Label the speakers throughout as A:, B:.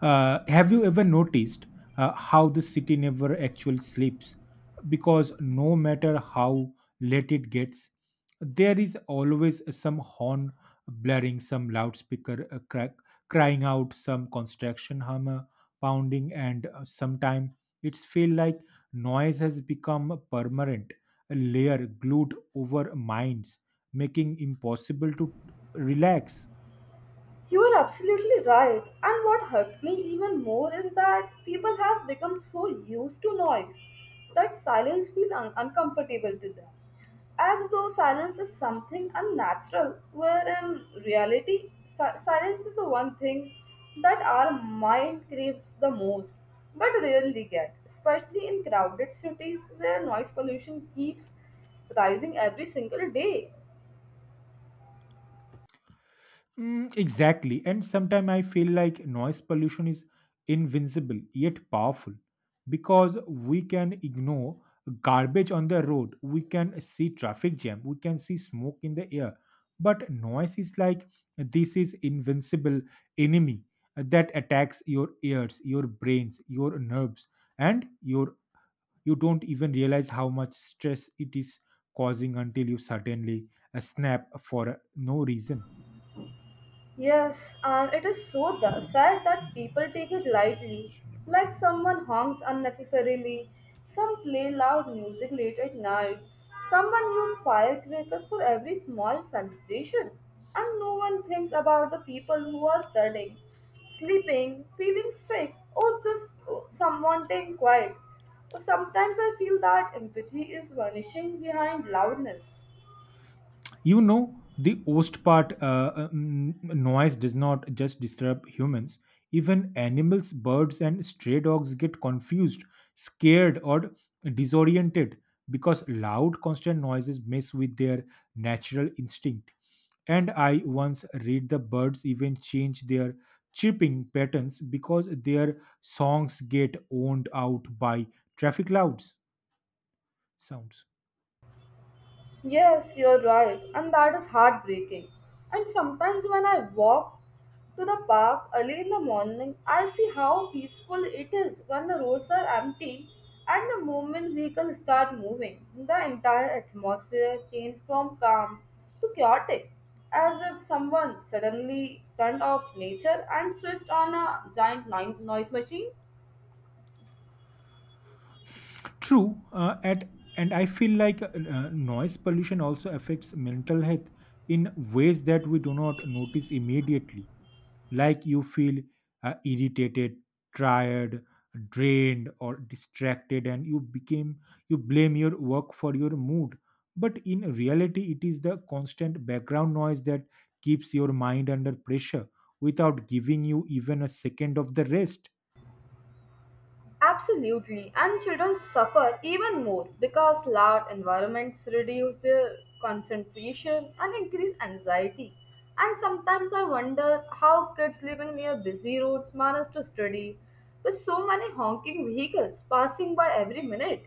A: Have you ever noticed how the city never actually sleeps? Because no matter how late it gets, there is always some horn blaring, some loudspeaker crying out, some construction hammer pounding, and sometimes it's feel like noise has become a permanent layer glued over minds, making impossible to relax.
B: You are absolutely right. And what hurt me even more is that people have become so used to noise that silence feels uncomfortable to them. As though silence is something unnatural, where in reality, silence is the one thing that our mind craves the most but rarely get, especially in crowded cities where noise pollution keeps rising every single day.
A: Mm, exactly. And sometimes I feel like noise pollution is invincible yet powerful because we can ignore garbage on the road, we can see traffic jam, we can see smoke in the air. But noise is like this is invincible enemy that attacks your ears, your brains, your nerves, and your you don't even realize how much stress it is causing until you suddenly snap for no reason.
B: Yes, and it is so sad that
A: Mm,
B: people
A: to
B: take it
A: question
B: lightly,
A: conversation about
B: like
A: modern
B: someone
A: conflict.
B: honks unnecessarily, some play loud music late at night, someone use firecrackers for every small celebration, and no one thinks about the people who are studying, sleeping, feeling sick, or just someone staying quiet. Sometimes I feel that empathy is vanishing behind loudness.
A: You know, the worst part noise does not just disturb humans. Even animals, birds, and stray dogs get confused, scared, or disoriented because loud, constant noises mess with their natural instinct. And I once read the birds even change their chirping patterns because their songs get owned out by traffic louds sounds.
B: Yes, you're right, and that is heartbreaking. And sometimes when I walk to the park early in the morning, I see how peaceful it is when the roads are empty and the moment vehicles start moving. The entire atmosphere changes from calm to chaotic, as if someone suddenly turned off nature and switched on a giant noise machine.
A: True, at and I feel like noise pollution also affects mental health in ways that we do not notice immediately. Like you feel irritated, tired, drained, or distracted, and you became you blame your work for your mood. But in reality, it is the constant background noise that keeps your mind under pressure without giving you even a second of the rest.
B: Absolutely, and children suffer even more because loud environments reduce their concentration and increase anxiety. And sometimes I wonder how kids living near busy roads manage to study with so many honking vehicles passing by every minute.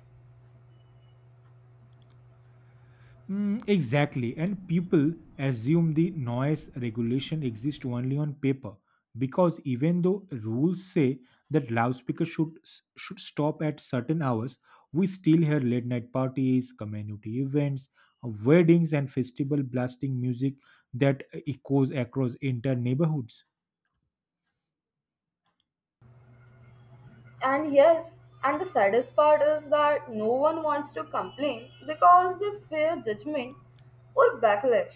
A: Mm, exactly, and people assume the noise regulation exists only on paper because even though rules say that loudspeakers should stop at certain hours, we still hear late night parties, community events, weddings, and festival blasting music that echoes across entire neighborhoods.
B: And yes, and the saddest part is that no one wants to complain because they fear judgment or backlash,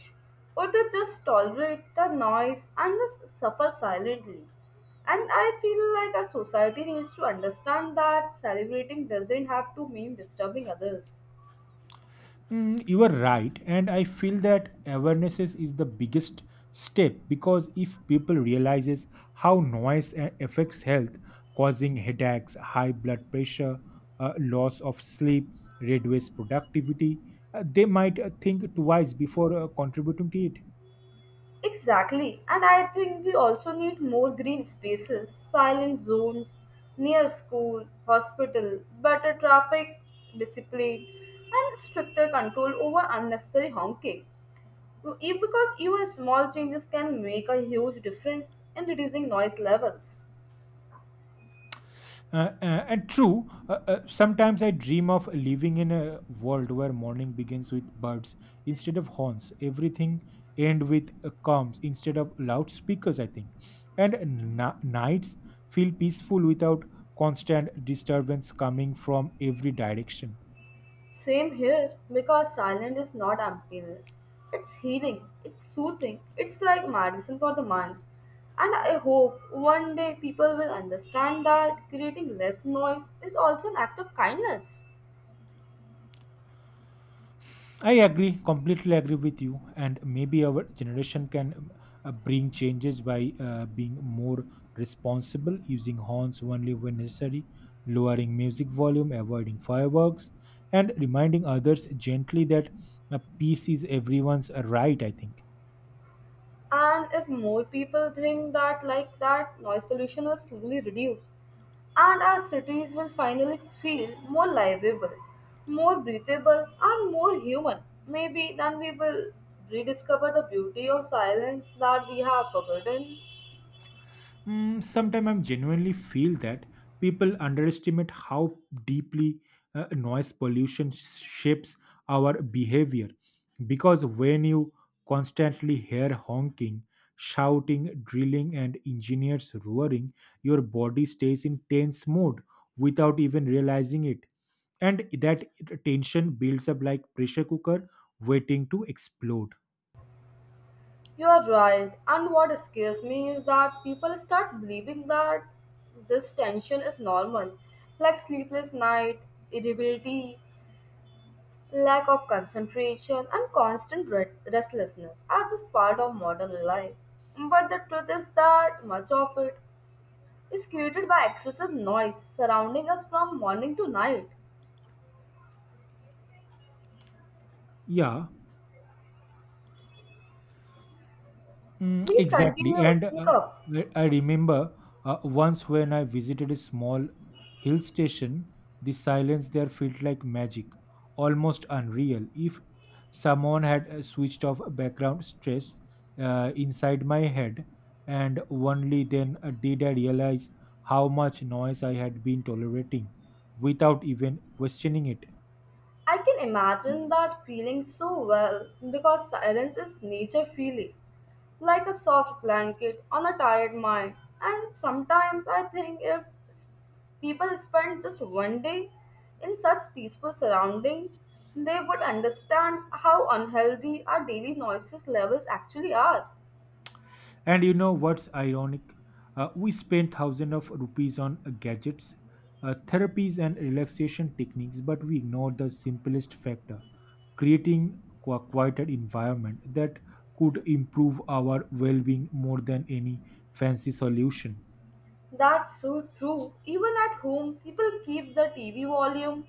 B: or they just tolerate the noise and just suffer silently. And I feel like our society needs to understand that celebrating doesn't have to mean disturbing others.
A: Mm, you are right, and I feel that awareness is the biggest step because if people realizes how noise affects health, causing headaches, high blood pressure, loss of sleep, reduced productivity, they might think twice before contributing to it.
B: Exactly, and I think we also need more green spaces, silent zones near school, hospital, better traffic discipline, and stricter control over unnecessary honking. Because even small changes can make a huge difference in reducing noise levels.
A: And true, sometimes I dream of living in a world where morning begins with birds instead of horns. Everything end with comms instead of loudspeakers, I think. And nights feel peaceful without constant disturbance coming from every direction.
B: Same here, because silence is not emptiness. It's healing, it's soothing, it's like medicine for the mind. And I hope one day people will understand that creating less noise is also an act of kindness.
A: I agree, completely agree with you. And maybe our generation can bring changes by being more responsible, using horns only when necessary, lowering music volume, avoiding fireworks, and reminding others gently that peace is everyone's right, I think.
B: And if more people think that like that, noise pollution will slowly reduce. And our cities will finally feel more livable, more breathable, and more human. Maybe then we will rediscover the beauty of silence that we have forgotten.
A: Mm, sometimes I genuinely feel that people underestimate how deeply noise pollution shapes our behavior. Because when you constantly hear honking, shouting, drilling, and engineers roaring, your body stays in tense mode without even realizing it. And that tension builds up like pressure cooker waiting to explode.
B: You are right. And what scares me is that people start believing that this tension is normal, like sleepless night, irritability, lack of concentration and constant restlessness are just part of modern life. But the truth is that much of it is created by excessive noise surrounding us from morning to night.
A: Yeah, mm,
B: Please
A: exactly.
B: continue,
A: And
B: speak
A: uh,
B: up.
A: I I remember once when I visited a small hill station, the silence there felt like magic, almost unreal. If someone had switched off background stress inside my head, and only then did I realize how much noise I had been tolerating without even questioning it.
B: I can imagine that feeling so well because silence is nature feeling, like a soft blanket on a tired mind. And sometimes I think if s- people spend just one day in such peaceful surrounding, they would understand how unhealthy our daily noises levels actually are.
A: And you know what's ironic? We spend thousands of rupees on gadgets, therapies, and relaxation techniques, but we ignore the simplest factor creating a quieter environment that could improve our well being more than any fancy solution.
B: That's so true. Even at home, people keep the TV volume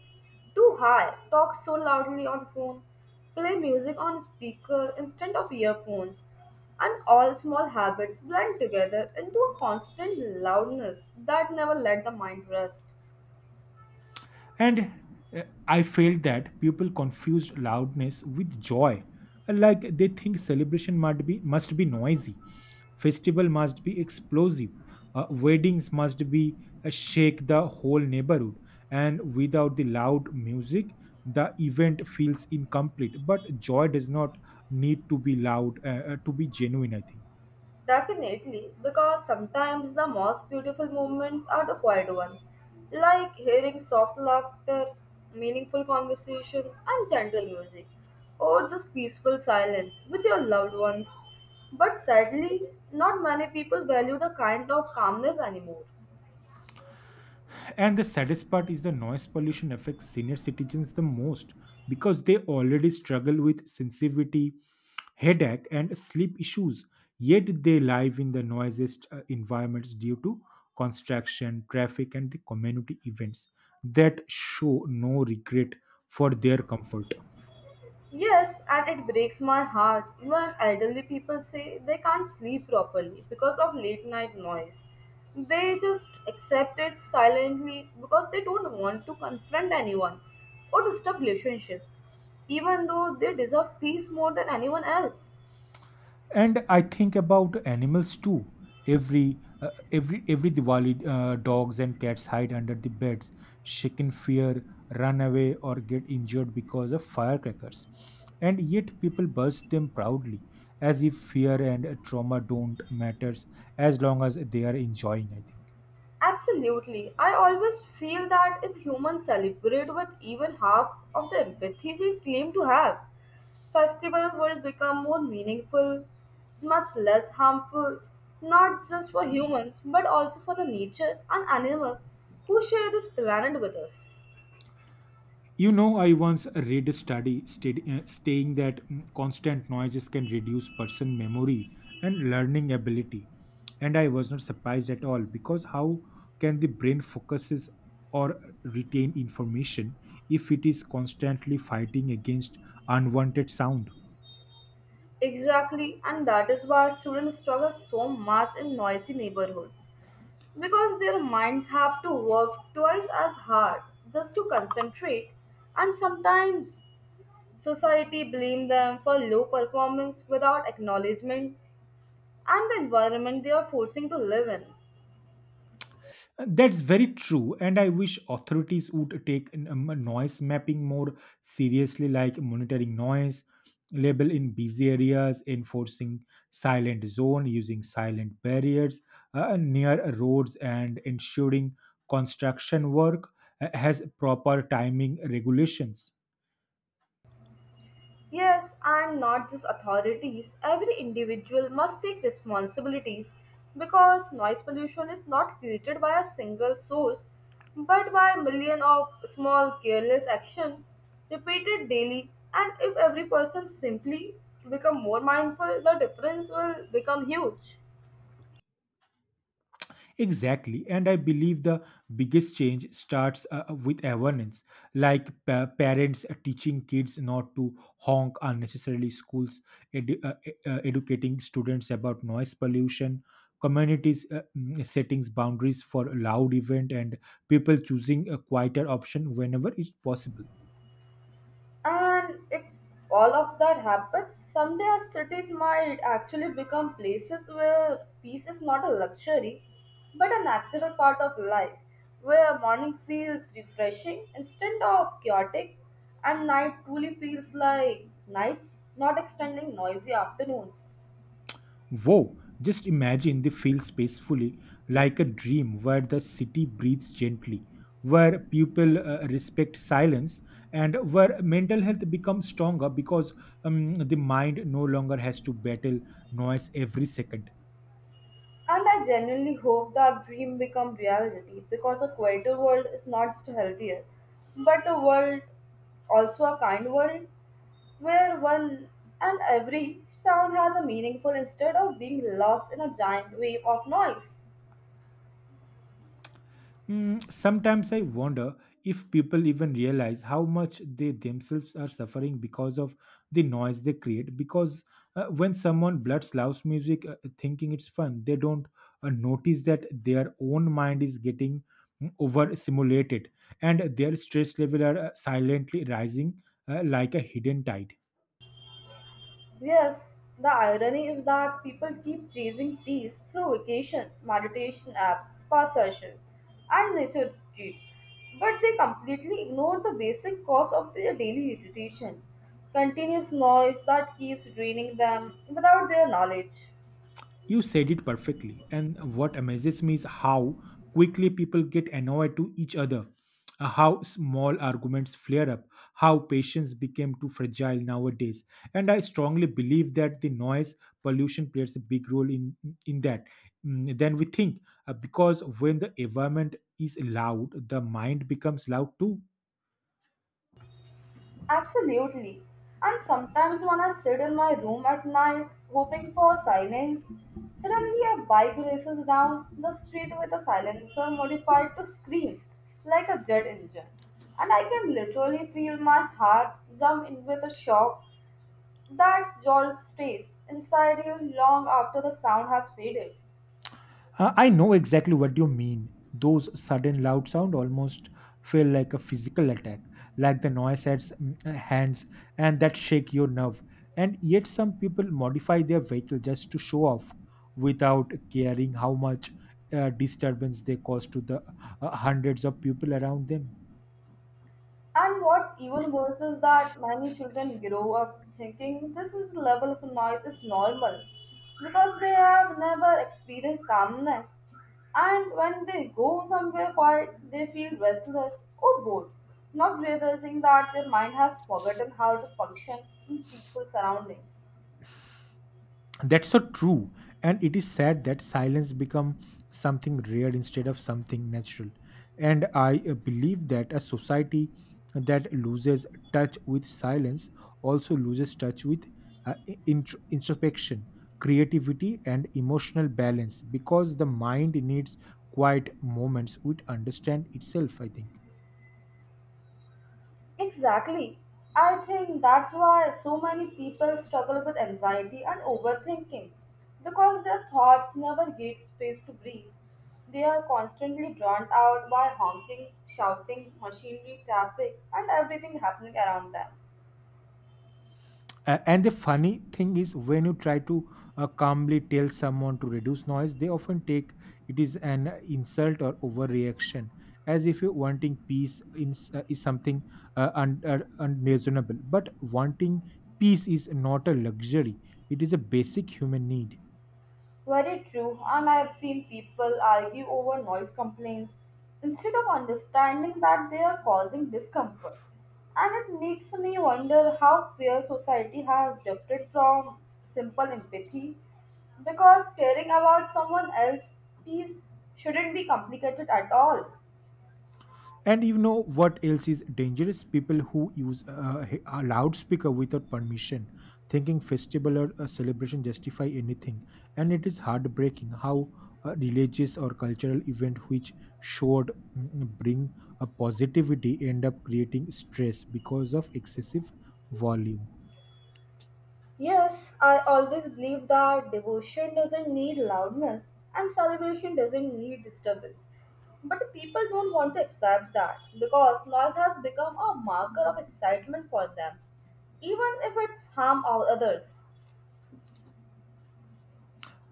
B: too high, talk so loudly on phone, play music on speaker instead of earphones, and all small habits blend together into a constant loudness that never let the mind rest.
A: And I felt that people confused loudness with joy, like they think celebration must be noisy, festival must be explosive, weddings must be shake the whole neighborhood, and without the loud music, the event feels incomplete. But joy does not need to be loud to be genuine. I think.
B: Definitely, because sometimes the most beautiful moments are the quiet ones, like hearing soft laughter, meaningful conversations, and gentle music, or just peaceful silence with your loved ones. But sadly, not many people value the kind of calmness anymore.
A: And the saddest part is the noise pollution affects senior citizens the most because they already struggle with sensitivity, headache, and sleep issues. Yet they live in the noisiest environments due to construction, traffic, and the community events that show no regret for their comfort.
B: Yes, and it breaks my heart when elderly people say they can't sleep properly because of late night noise. They just accept it silently because they don't want to confront anyone or disturb relationships, even though they deserve peace more than anyone else.
A: And I think about animals too. Every Diwali, dogs and cats hide under the beds, shake in fear, run away, or get injured because of firecrackers. And yet people burst them proudly as if fear and trauma don't matters as long as they are enjoying, I think.
B: Absolutely, I always feel that if humans celebrate with even half of the empathy we claim to have, festival will become more meaningful, much less harmful, not just for humans but also for the nature and animals who share this planet with us.
A: You know, I once read a study stating that mm, constant noises can reduce person memory and learning ability. And I was not surprised at all, because how can the brain focuses or retain information if it is constantly fighting against unwanted sound?
B: Exactly, and that is why students struggle so much in noisy neighborhoods because their minds have to work twice as hard just to concentrate, and sometimes society blame them for low performance without acknowledgement and the environment they are forcing to live in.
A: That's very true, and I wish authorities would take noise mapping more seriously, like monitoring noise, level in busy areas, enforcing silent zone, using silent barriers near roads, and ensuring construction work has proper timing regulations.
B: Yes, and not just authorities. Every individual must take responsibilities because noise pollution is not created by a single source but by millions of small careless action repeated daily and if every person simply become more mindful the difference will become huge.
A: Exactly. And I believe the biggest change starts with awareness, like parents teaching kids not to honk unnecessarily, schools educating students about noise pollution, communities settings boundaries for loud event, and people choosing a quieter option whenever it's possible.
B: And if all of that happens, someday our cities might actually become places where peace is not a luxury, but a natural part of life, where morning feels refreshing instead of chaotic, and night truly feels like nights, not extending noisy afternoons.
A: Wow, just imagine they feel spacefully, like a dream where the city breathes gently, where people respect silence, and where mental health becomes stronger because the mind no longer has to battle noise every second.
B: And I genuinely hope that dream become reality because a quieter world is not just healthier, but a world also a kind world where one and every sound has a meaningful instead of being lost in a giant wave of noise.
A: Mm, sometimes I wonder if people even realize how much they themselves are suffering because of the noise they create. Because when someone blurts loud music thinking it's fun, they don't notice that their own mind is getting mm, overstimulated and their stress level are silently rising like a hidden tide.
B: Yes, the irony is that people keep chasing peace through vacations, meditation apps, spa sessions, and nature retreat, but they completely ignore the basic cause of their daily irritation, continuous noise that keeps draining them without their knowledge.
A: You said it perfectly. And what amazes me is how quickly people get annoyed to each other, how small arguments flare up, how patience became too fragile nowadays. And I strongly believe that the noise pollution plays a big role in that. Mm, then we think, because when the environment is loud, the mind becomes loud too.
B: Absolutely. And sometimes when I sit in my room at night hoping for silence, suddenly a bike races down the street with a silencer modified to scream like a jet engine. And I can literally feel my heart jump in with a shock that jolt stays inside you long after the sound has faded.
A: I know exactly what you mean. Those sudden loud sound almost feel like a physical attack, like the noise at hands and that shake your nerve. And yet some people modify their vehicle just to show off without caring how much disturbance they cause to the hundreds of people around them.
B: And what's even worse is that many children grow up thinking this is the level of noise is normal because they have never experienced calmness. And when they go somewhere quiet, they feel restless or bored, not realizing that their mind has forgotten how to function in peaceful surroundings.
A: That's so true, and it is sad that silence become something rare instead of something natural. And I believe that a society that loses touch with silence also loses touch with introspection, creativity, and emotional balance, because the mind needs quiet moments which understand itself, I think.
B: Exactly. I think that's why so many people struggle with anxiety and overthinking because their thoughts never get space to breathe. They are constantly drowned out by honking, shouting, machinery, traffic, and everything happening around them.
A: And the funny thing is when you try to calmly tell someone to reduce noise, they often take it is an insult or overreaction, as if you wanting peace is something unreasonable. But wanting peace is not a luxury, it is a basic human need.
B: Very true, and I have seen people argue over noise complaints instead of understanding that they are causing discomfort. And it makes me wonder how fair society has drifted from simple empathy because caring about someone else's peace shouldn't be complicated at all.
A: And you know what else is dangerous? People who use a loudspeaker without permission, thinking festival or a celebration justify anything. And it is heartbreaking how a religious or cultural event which should mm, bring a positivity end up creating stress because of excessive volume.
B: Yes, I always believe that devotion doesn't need loudness and celebration doesn't need disturbance. But people don't want to accept that because noise has become a marker of excitement for them, even if it's harm all others.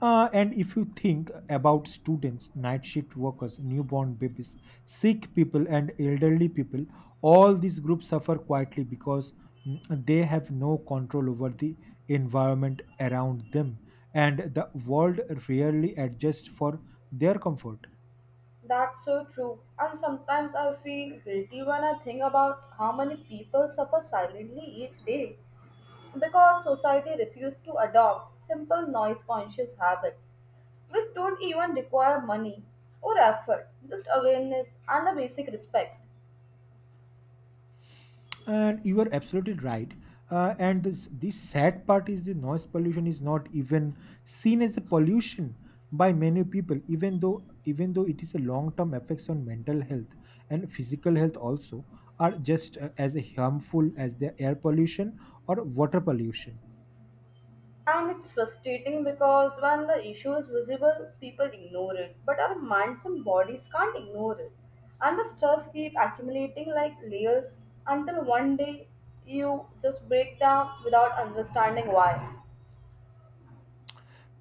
A: And if you think about students, night shift workers, newborn babies, sick people, and elderly people, all these groups suffer quietly because mm, they have no control over the environment around them, and the world rarely adjusts for their comfort.
B: That's so true. And sometimes I feel guilty when I think about how many people suffer silently each day, because society refused to adopt simple noise conscious habits which don't even require money or effort, just awareness and a basic respect.
A: And you are absolutely right. And this sad part is the noise pollution is not even seen as a pollution by many people, even though it is a long-term effects on mental health and physical health also are just as harmful as the air pollution or water pollution.
B: And it's frustrating because when the issue is visible people ignore it, but our minds and bodies can't ignore it, and the stress keeps accumulating like layers until one day you just break down without understanding why.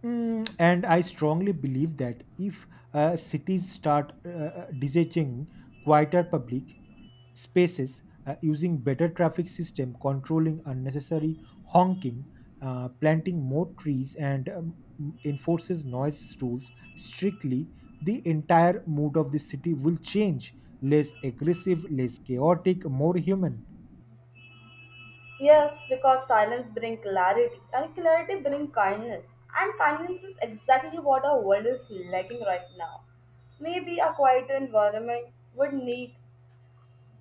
A: Mm, and I strongly believe that if cities start designing quieter public spaces, using better traffic system, controlling unnecessary honking, planting more trees, and enforces noise rules strictly, the entire mood of the city will change. Less aggressive, less chaotic, more human.
B: Yes, because silence brings clarity, and clarity brings kindness. And kindness is exactly what our world is lacking right now. Maybe a quieter environment would need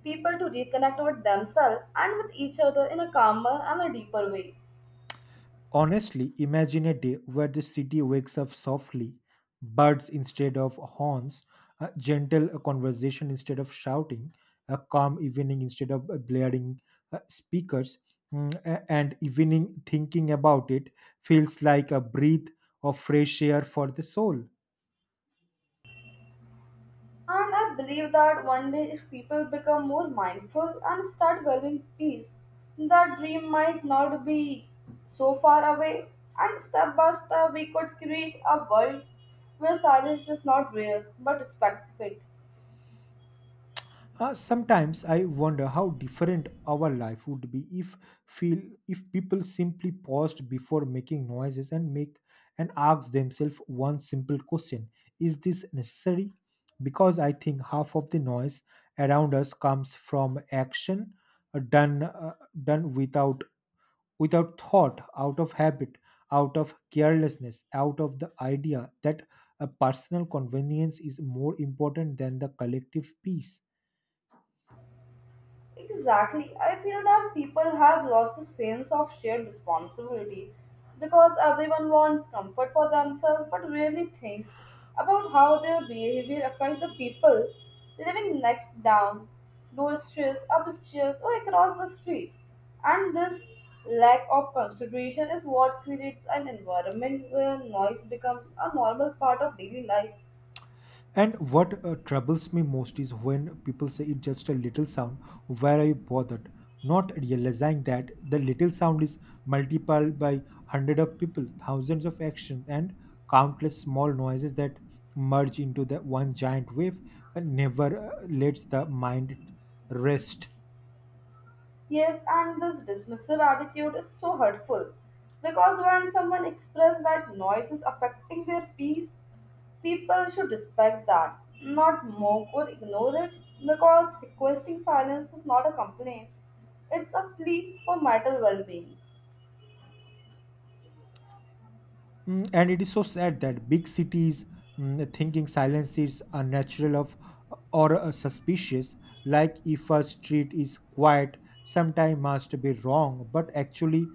B: people to reconnect with themselves and with each other in a calmer and a deeper way.
A: Honestly, imagine a day where the city wakes up softly, birds instead of horns, a gentle conversation instead of shouting, a calm evening instead of blaring speakers, mm, and evening thinking about it feels like a breath of fresh air for the soul.
B: And I believe that one day, if people become more mindful and start valuing peace, that dream might not be so far away. And step by step, we could create a world where silence is not rare but respected.
A: Sometimes I wonder how different our life would be if feel if people simply paused before making noises and asked themselves one simple question: Is this necessary? Because I think half of the noise around us comes from action uh, done uh, done without without thought, out of habit, out of carelessness, out of the idea that a personal convenience is more important than the collective peace.
B: Exactly. I feel that people have lost the sense of shared responsibility because everyone wants comfort for themselves but rarely thinks about how their behavior affects the people living next down, doorstairs, upstairs, or across the street. And this lack of consideration is what creates an environment where noise becomes a normal part of daily life.
A: And what troubles me most is when people say it's just a little sound, where are you bothered? Not realizing that the little sound is multiplied by hundreds of people, thousands of actions, and countless small noises that merge into the one giant wave and never lets the mind rest.
B: Yes, and this dismissal attitude is so hurtful because when someone expresses that noise is affecting their peace, people should respect that, not mock or ignore it, because requesting silence is not a complaint, it's a plea for mental well being.
A: Mm, and it is so sad that big cities thinking silence is unnatural of or suspicious, like if a street is quiet sometime must be wrong, but actually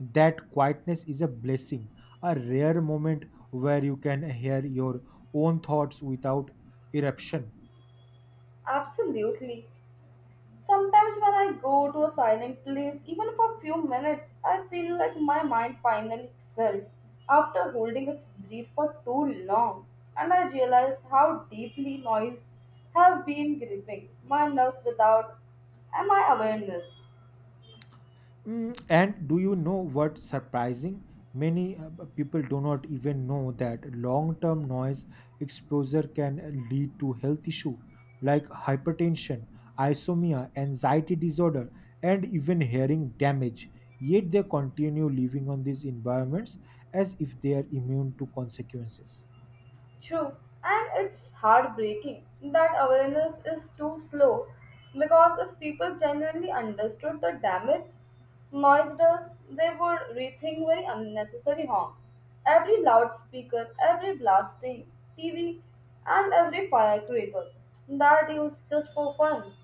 A: that quietness is a blessing, a rare moment where you can hear your own thoughts without eruption.
B: Absolutely. Sometimes when I go to a silent place, even for a few minutes, I feel like my mind finally exhaled after holding its breath for too long, and I realize how deeply noise have been gripping my nerves without my awareness.
A: Mm, and do you know what surprising? Many people do not even know that long term noise exposure can lead to health issue like hypertension, insomnia, anxiety disorder, and even hearing damage. Yet they continue living on these environments as if they are immune to consequences.
B: True, and it's heartbreaking that awareness is too slow because if people genuinely understood the damage noise does, they would rethink very unnecessary harm. Every loudspeaker, every blasting TV, and every firecracker that is just for fun.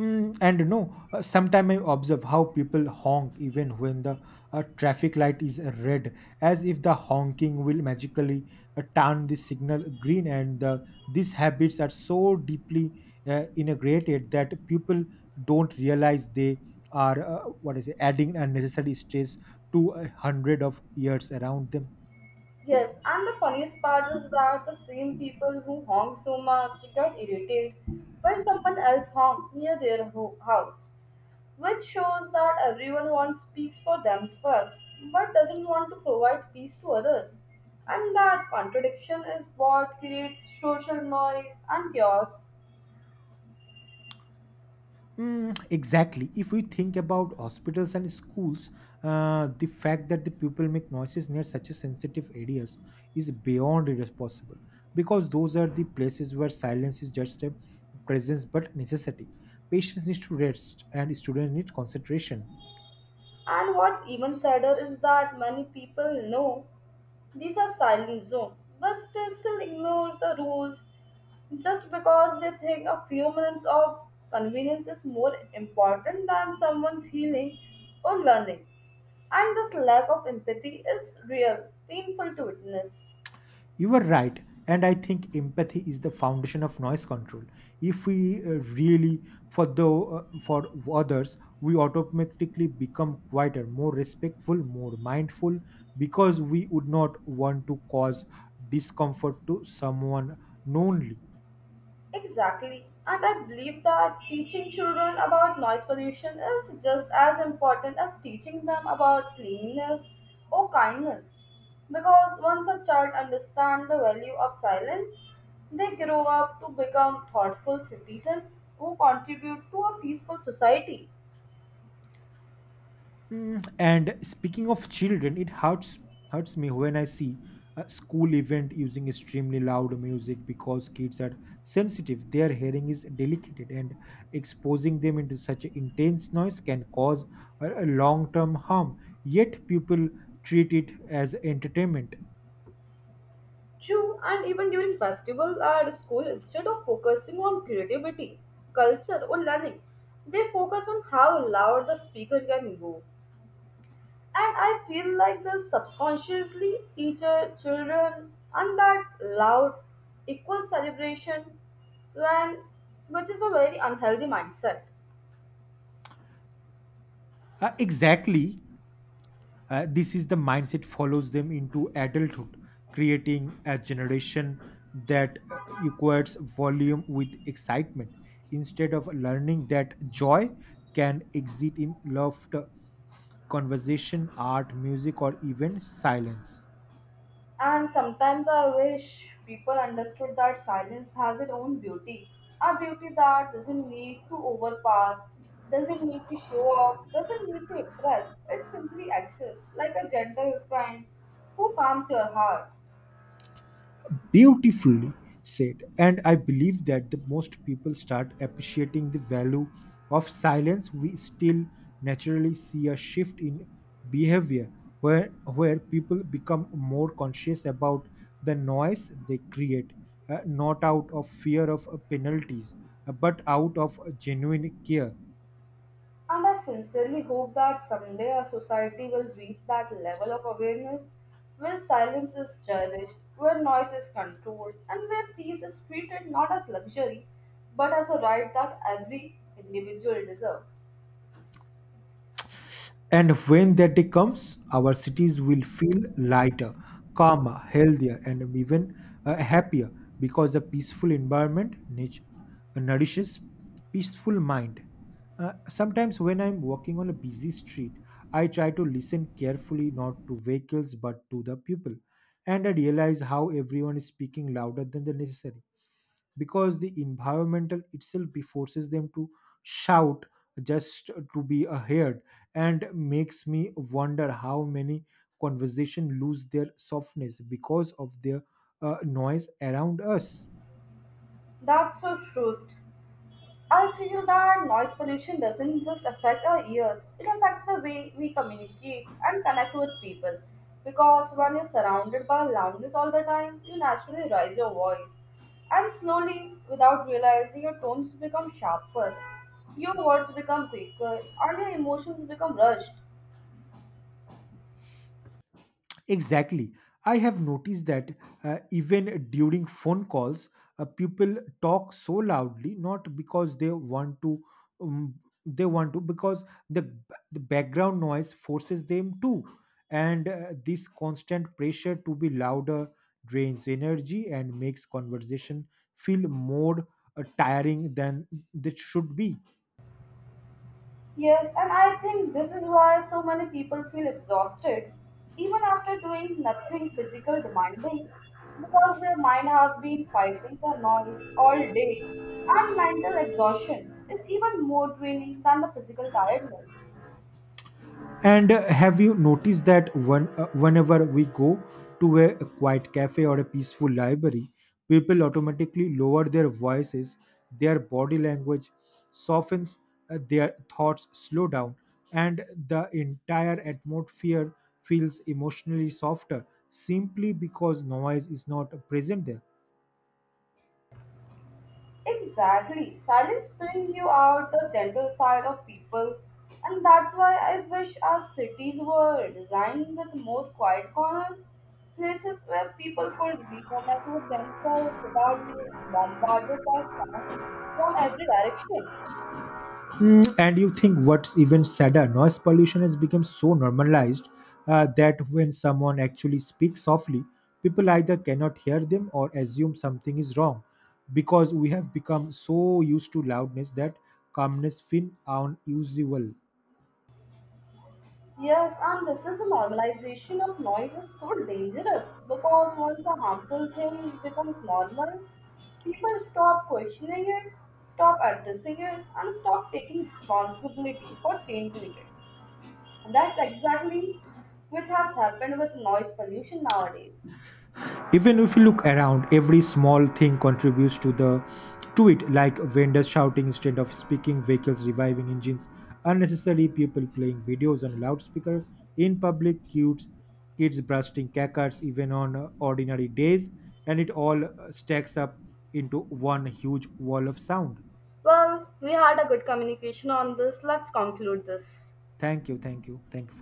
A: Mm, and you know, sometimes I observe how people honk even when the traffic light is red, as if the honking will magically turn the signal green. And these habits are so deeply integrated that people don't realize they are adding unnecessary stress to a hundred of years around them.
B: Yes, and the funniest part is that the same people who honk so much get irritated when someone else honks near their house, which shows that everyone wants peace for themselves but doesn't want to provide peace to others. And that contradiction is what creates social noise and chaos.
A: Mm, exactly. If we think about hospitals and schools, the fact that the pupil make noises near such a sensitive areas is beyond irresponsible because those are the places where silence is just a presence but necessity. Patients need to rest and students need concentration.
B: And what's even sadder is that many people know these are silent zones, but they still ignore the rules just because they think a few minutes of convenience is more important than someone's healing or learning. And this lack of empathy is real, painful to witness.
A: You were right, and I think empathy is the foundation of noise control. If we really for the for others, we automatically become quieter, more respectful, more mindful, because we would not want to cause discomfort to someone knowingly.
B: Exactly. And I believe that teaching children about noise pollution is just as important as teaching them about cleanliness or kindness. Because once a child understands the value of silence, they grow up to become thoughtful citizens who contribute to a peaceful society.
A: Mm, and speaking of children, it hurts me when I see a school event using extremely loud music because kids are sensitive. Their hearing is delicate, and exposing them into such intense noise can cause a long term harm. Yet people treat it as entertainment.
B: True, and even during festivals at school, instead of focusing on creativity, culture, or learning, they focus on how loud the speaker can go. And I feel like they subconsciously teach children and that loud, equal celebration, when which is a very unhealthy mindset.
A: Exactly. This is the mindset follows them into adulthood, creating a generation that equates volume with excitement instead of learning that joy can exist in laughter, conversation, art, music, or even silence.
B: And sometimes I wish people understood that silence has its own beauty. A beauty that doesn't need to overpower, doesn't need to show off, doesn't need to impress. It simply exists like a gentle friend who calms your heart.
A: Beautifully said. And I believe that the most people start appreciating the value of silence, we still naturally see a shift in behavior where people become more conscious about the noise they create, not out of fear of penalties, but out of genuine care.
B: And I sincerely hope that someday our society will reach that level of awareness where silence is cherished, where noise is controlled, and where peace is treated not as luxury but as a right that every individual deserves.
A: And when that day comes, our cities will feel lighter, calmer, healthier, and even happier because the peaceful environment nourishes peaceful mind. Sometimes when I'm walking on a busy street, I try to listen carefully, not to vehicles but to the people, and I realize how everyone is speaking louder than the necessary because the environmental itself forces them to shout just to be heard, and makes me wonder how many conversation lose their softness because of their noise around us.
B: That's so true. I feel that noise pollution doesn't just affect our ears, it affects the way we communicate and connect with people. Because when you're surrounded by loudness all the time, you naturally raise your voice. And slowly, without realizing, your tones become sharper, your words become quicker, and your emotions become rushed.
A: Exactly. I have noticed that even during phone calls, people talk so loudly, not because um, they want to, because the, b- the background noise forces them to. And this constant pressure to be louder drains energy and makes conversation feel more tiring than it should be.
B: Yes, and I think this is why so many people feel exhausted even after doing nothing physical demanding because their mind have been fighting the noise all day, and mental exhaustion is even more draining than the physical tiredness.
A: And have you noticed that whenever we go to a quiet cafe or a peaceful library, people automatically lower their voices, their body language softens, their thoughts slow down, and the entire atmosphere feels emotionally softer simply because noise is not present there.
B: Exactly. Silence brings you out the gentle side of people, and that's why I wish our cities were designed with more quiet corners, places where people could reconnect with themselves without being bombarded by sound from every direction.
A: Mm, and you think what's even sadder, noise pollution has become so normalized that when someone actually speaks softly, people either cannot hear them or assume something is wrong because we have become so used to loudness that calmness feels unusual.
B: Yes, and this is a normalization of noise is so dangerous because once a harmful thing becomes normal, people stop questioning it, stop addressing it, and stop taking responsibility for changing it. That's exactly which has happened with noise pollution nowadays.
A: Even if you look around, every small thing contributes to the to it, like vendors shouting instead of speaking, vehicles reviving engines unnecessary, people playing videos on loudspeaker in public, kids bursting cackers even on ordinary days, and it all stacks up into one huge wall of sound.
B: Well, we had a good communication on this. Let's conclude this.
A: Thank you, thank you for